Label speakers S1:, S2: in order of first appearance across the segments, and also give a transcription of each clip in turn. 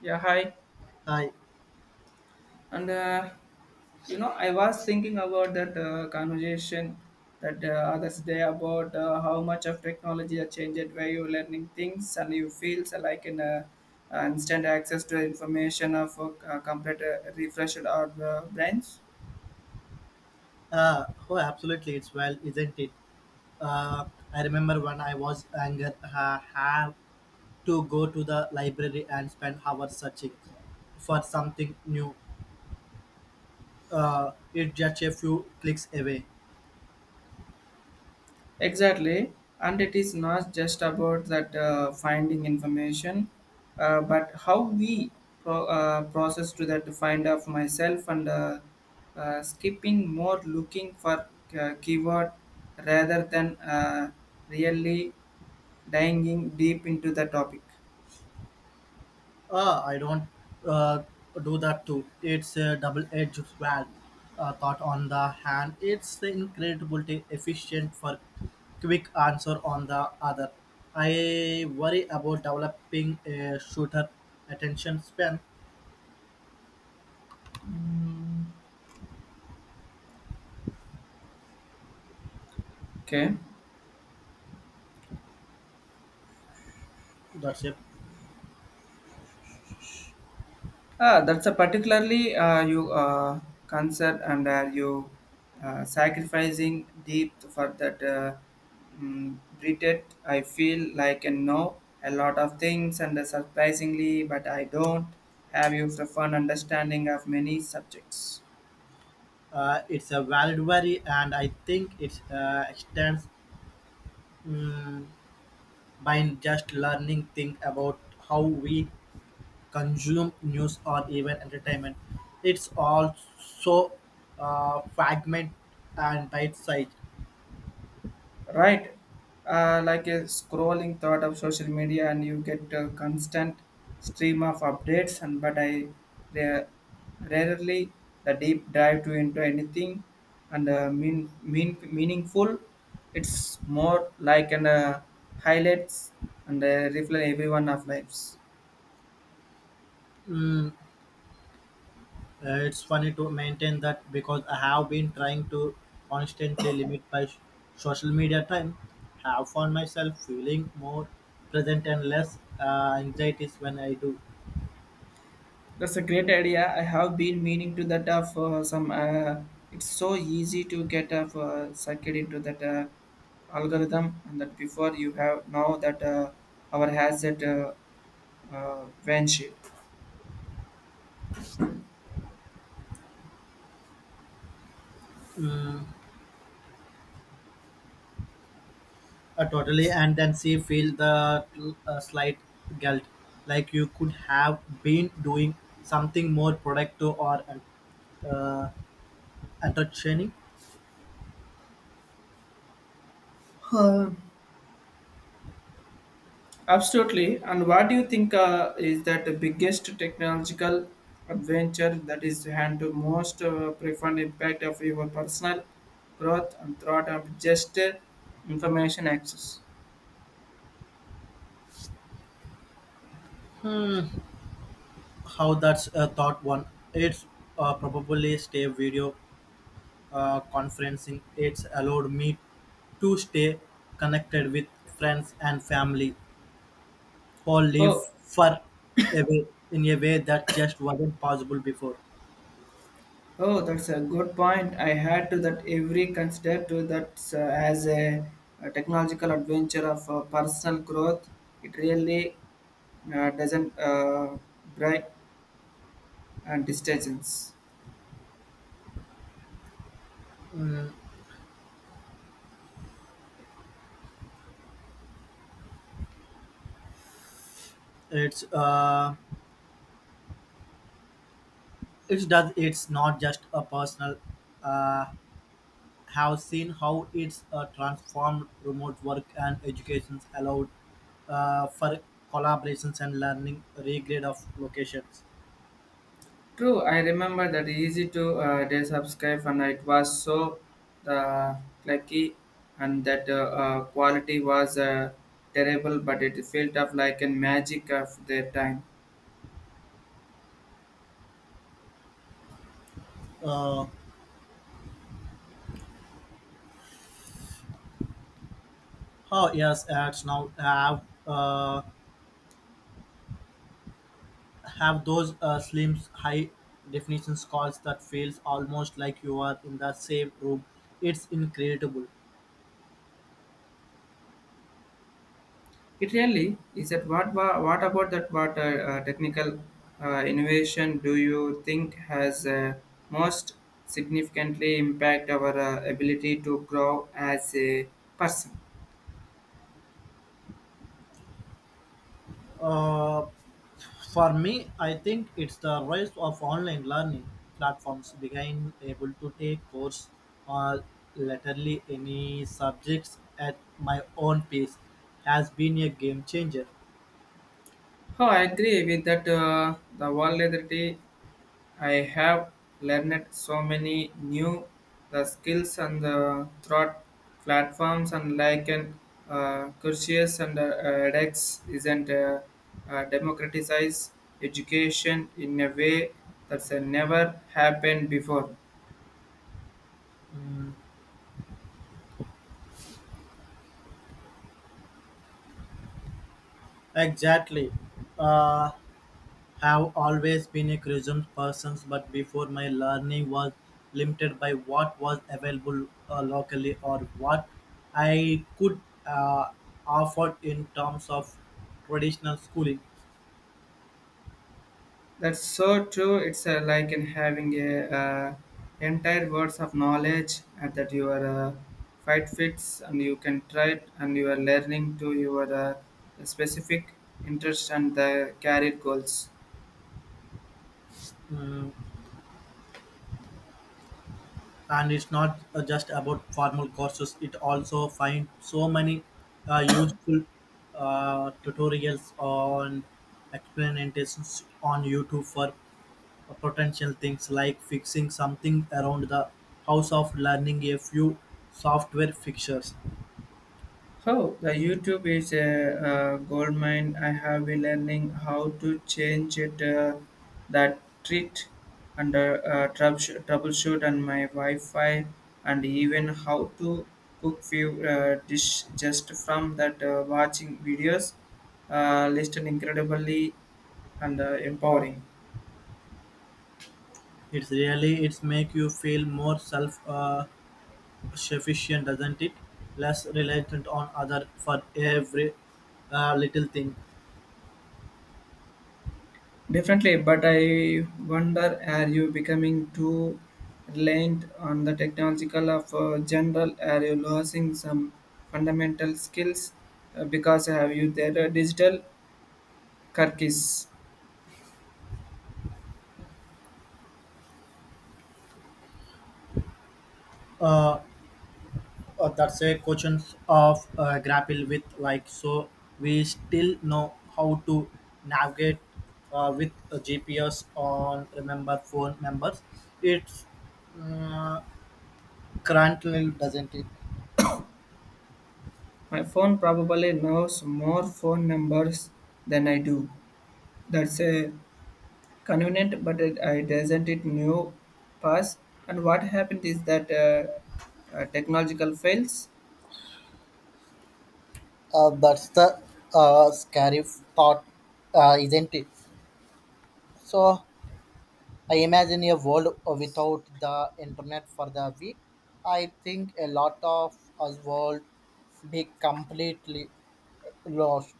S1: Yeah, hi.
S2: Hi.
S1: And uh, I was thinking about that conversation that others day about how much of technology has changed where you're learning things and you feel so like in instant access to information of complete refreshed our brains.
S2: Oh, absolutely. It's well, isn't it? Uh, I remember when I was younger, have to go to the library and spend hours searching for something new. It's just a few clicks away.
S1: Exactly, and it is not just about that finding information, but how we process to that to find of myself and skipping more looking for keyword rather than really diving deep into the topic.
S2: I don't uh, do that too. It's a double-edged sword. Thought on the hand, it's the incredibly efficient for quick answer on the other. I worry about developing a shooter attention span.
S1: Mm, Okay.
S2: That's it.
S1: Ah, that's a particularly you concern and are you sacrificing deep for that treated. I feel like I know a lot of things and surprisingly, but I don't have you the fun understanding of many subjects.
S2: It's a valid worry, and I think it extends mm by just learning thing about how we consume news or even entertainment. It's also fragment and bite size.
S1: Right, like a scrolling thought of social media, and you get a constant stream of updates, and but ra- rarely the deep dive to into anything and meaningful. It's more like an highlights and reflect everyone of lives.
S2: Mm, it's funny to maintain that because I have been trying to constantly limit my social media time. Have found myself feeling more present and less anxieties when I do.
S1: That's a great idea. I have been meaning to that for some. It's so easy to get sucked into that algorithm, and that before you have now that our has that van sheet.
S2: Mm, totally, and then she feel the slight guilt, like you could have been doing something more productive or uh, uh, entertaining.
S1: Uh, Absolutely. And what do you think is that the biggest technological adventure that is had to most profound impact of your personal growth and thought of just information access?
S2: How that's thought one. It's probably stay video conferencing. It's allowed me to stay connected with friends and family or live
S1: Oh,
S2: far away in a way that just wasn't possible before.
S1: oh, that's a good point. I had to that every consider to that as a technological adventure of personal growth. It really doesn't break and distractions.
S2: It's uh, It does. It's not just a personal. Uh, have seen how it's transformed remote work and educations allowed for collaborations and learning regrade of locations.
S1: True, I remember that easy to desubscribe, and it was so the clicky and that quality was terrible, but it felt up like a magic of their time.
S2: Uh, oh yes, ads now have those slim high definition calls that feels almost like you are in the same room. It's incredible.
S1: It really is that what about that what technical innovation do you think has most significantly impact our ability to grow as a person?
S2: Uh, For me, I think it's the rise of online learning platforms being able to take course or literally any subjects at my own pace has been a game changer.
S1: Oh, I agree with that. The vulnerability I have learned so many new the skills and the thought platforms and like an courses and edX isn't democratize education in a way that's never happened before.
S2: Exactly. Uh, have always been a curious person, but before my learning was limited by what was available locally or what I could uh, offer in terms of traditional schooling.
S1: That's so true. It's like in having a entire words of knowledge and that your fight fits, and you can try it, and you are learning to your specific interest and the career goals.
S2: Mm, and it's not just about formal courses, it also find so many useful tutorials on explanations on YouTube for potential things like fixing something around the house of learning a few software fixtures.
S1: How the YouTube is a goldmine. I have been learning how to change it, that treat and troubleshoot and my Wi-Fi and even how to cook few dish just from that watching videos. Listen incredibly and empowering.
S2: It's really it's make you feel more self sufficient, doesn't it, less reliant on other for every little thing.
S1: Definitely, but I wonder, are you becoming too reliant on the technological of general? Are you losing some fundamental skills because have you their digital cookies?
S2: uh, that's a question of grapple with, like so we still know how to navigate with a GPS, on remember phone members. It's uh, currently, doesn't it.
S1: My phone probably knows more phone numbers than I do. That's a convenient, but it, I doesn't it new pass. And what happened is that technological fails.
S2: That's the scary thought, isn't it. So I imagine a world without the internet for the week. I think a lot of us world be completely lost.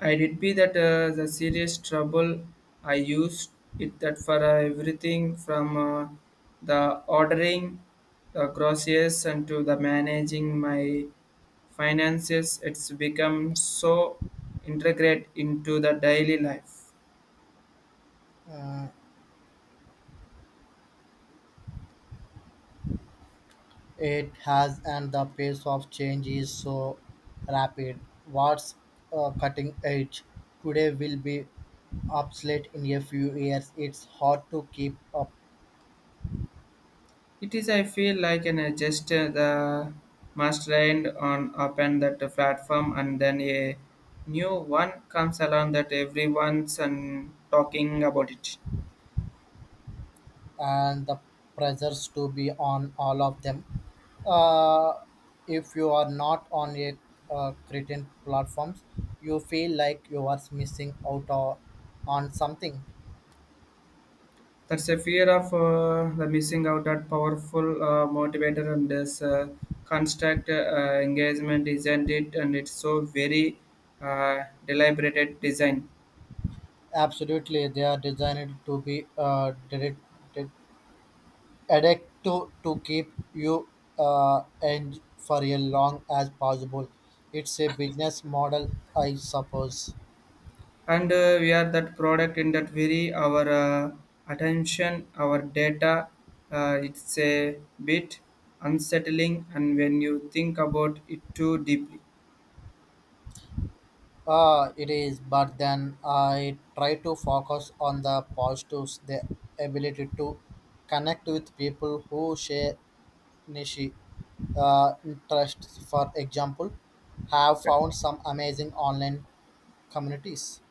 S1: I did be that the serious trouble. I used it that for everything from the ordering the groceries and to the managing my finances. It's become so integrate into the daily life.
S2: Mm, It has, and the pace of change is so rapid. What's cutting edge today will be obsolete in a few years. It's hard to keep up,
S1: It is. I feel like an adjuster the mastermind on open that platform, and then a new one comes along that everyone's and talking about it.
S2: and the pressures to be on all of them. Uh, if you are not on a certain platforms, you feel like you are missing out or on something.
S1: That's a fear of the missing out, that powerful motivator and this construct engagement, isn't it? And it's so very deliberated design.
S2: Absolutely, they are designed to be directed addict to keep you and for as long as possible. It's a business model, I suppose.
S1: And we are that product in that very our attention, our data. It's a bit unsettling, and when you think about it too deeply.
S2: It is, but then I try to focus on the positives, the ability to connect with people who share niche interests. For example, have found some amazing online communities.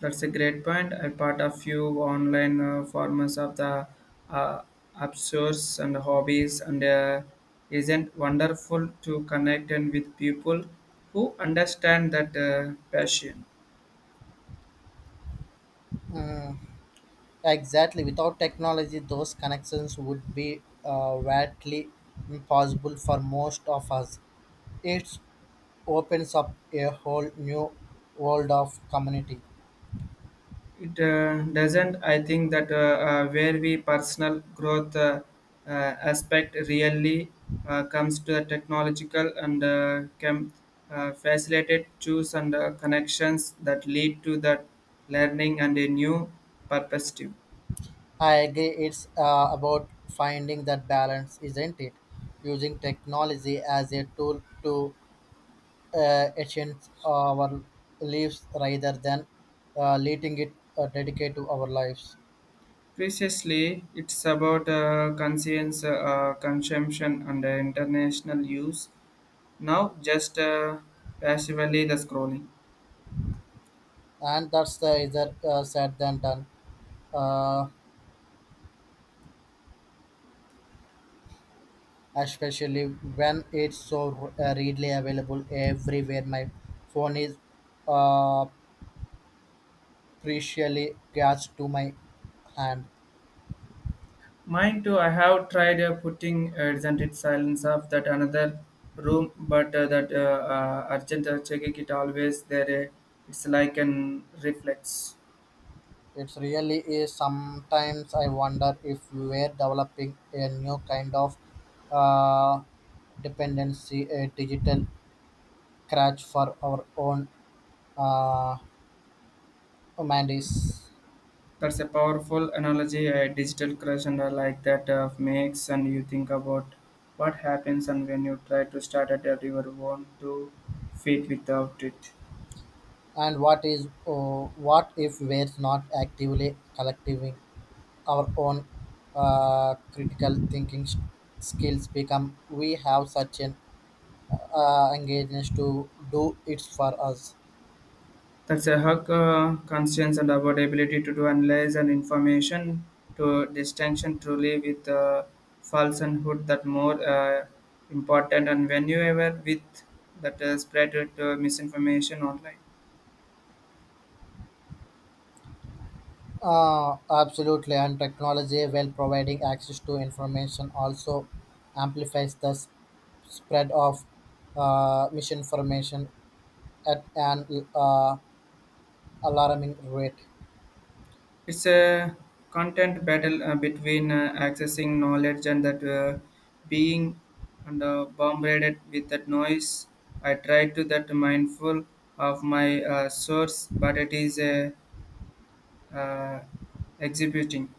S1: That's a great point. I part a few online forms of the uh, absurds and hobbies, and isn't wonderful to connect and with people who understand that passion.
S2: Exactly. Without technology, those connections would be vastly impossible for most of us. It opens up a whole new world of community.
S1: It doesn't. I think that where we personal growth uh, aspect really comes to the technological and can facilitate choose and connections that lead to that learning and a new perspective.
S2: I agree. It's about finding that balance, isn't it? Using technology as a tool to enhance our lives rather than letting it dedicate to our lives.
S1: Previously, it's about conscience, consumption, and international use. Now, just passively the scrolling.
S2: And that's the either said than done. Uh, especially when it's so readily available everywhere. My phone is uh, preciously grasped to my hand.
S1: Mine too. I have tried putting isn't it silence of that another room, but that urgent checking it always there. It's like an reflex.
S2: It really is. Sometimes I wonder if we're developing a new kind of uh, dependency, a digital crutch for our own uh, humanities.
S1: That's a powerful analogy. A digital crush, and like that makes and you think about what happens and when you try to start at your own two feet without it.
S2: And what is what if we're not actively collecting our own critical thinking skills become we have such an engagement to do it for us.
S1: That's a hug conscience and about ability to do analyze and information to distinction truly with false and hood that more important and when you ever with that spread it, misinformation online.
S2: Absolutely, and technology, while providing access to information, also amplifies the spread of misinformation at an alarming rate.
S1: It's a content battle between accessing knowledge and that being and bombarded with that noise. I try to that mindful of my source, but it is a uh, exhibiting.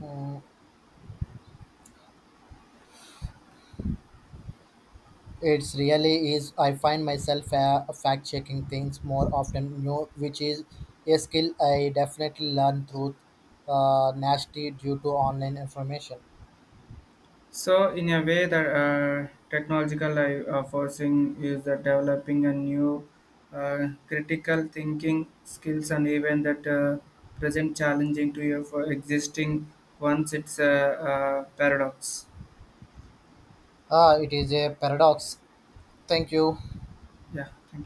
S2: Mm, It's really is. I find myself fact checking things more often, which is a skill I definitely learned through nasty due to online information.
S1: So, in a way, the technological forcing is the developing a new critical thinking skills and even that present challenging to your for existing once it's a, paradox.
S2: Ah, it is a paradox. Thank you.
S1: Yeah, thank you.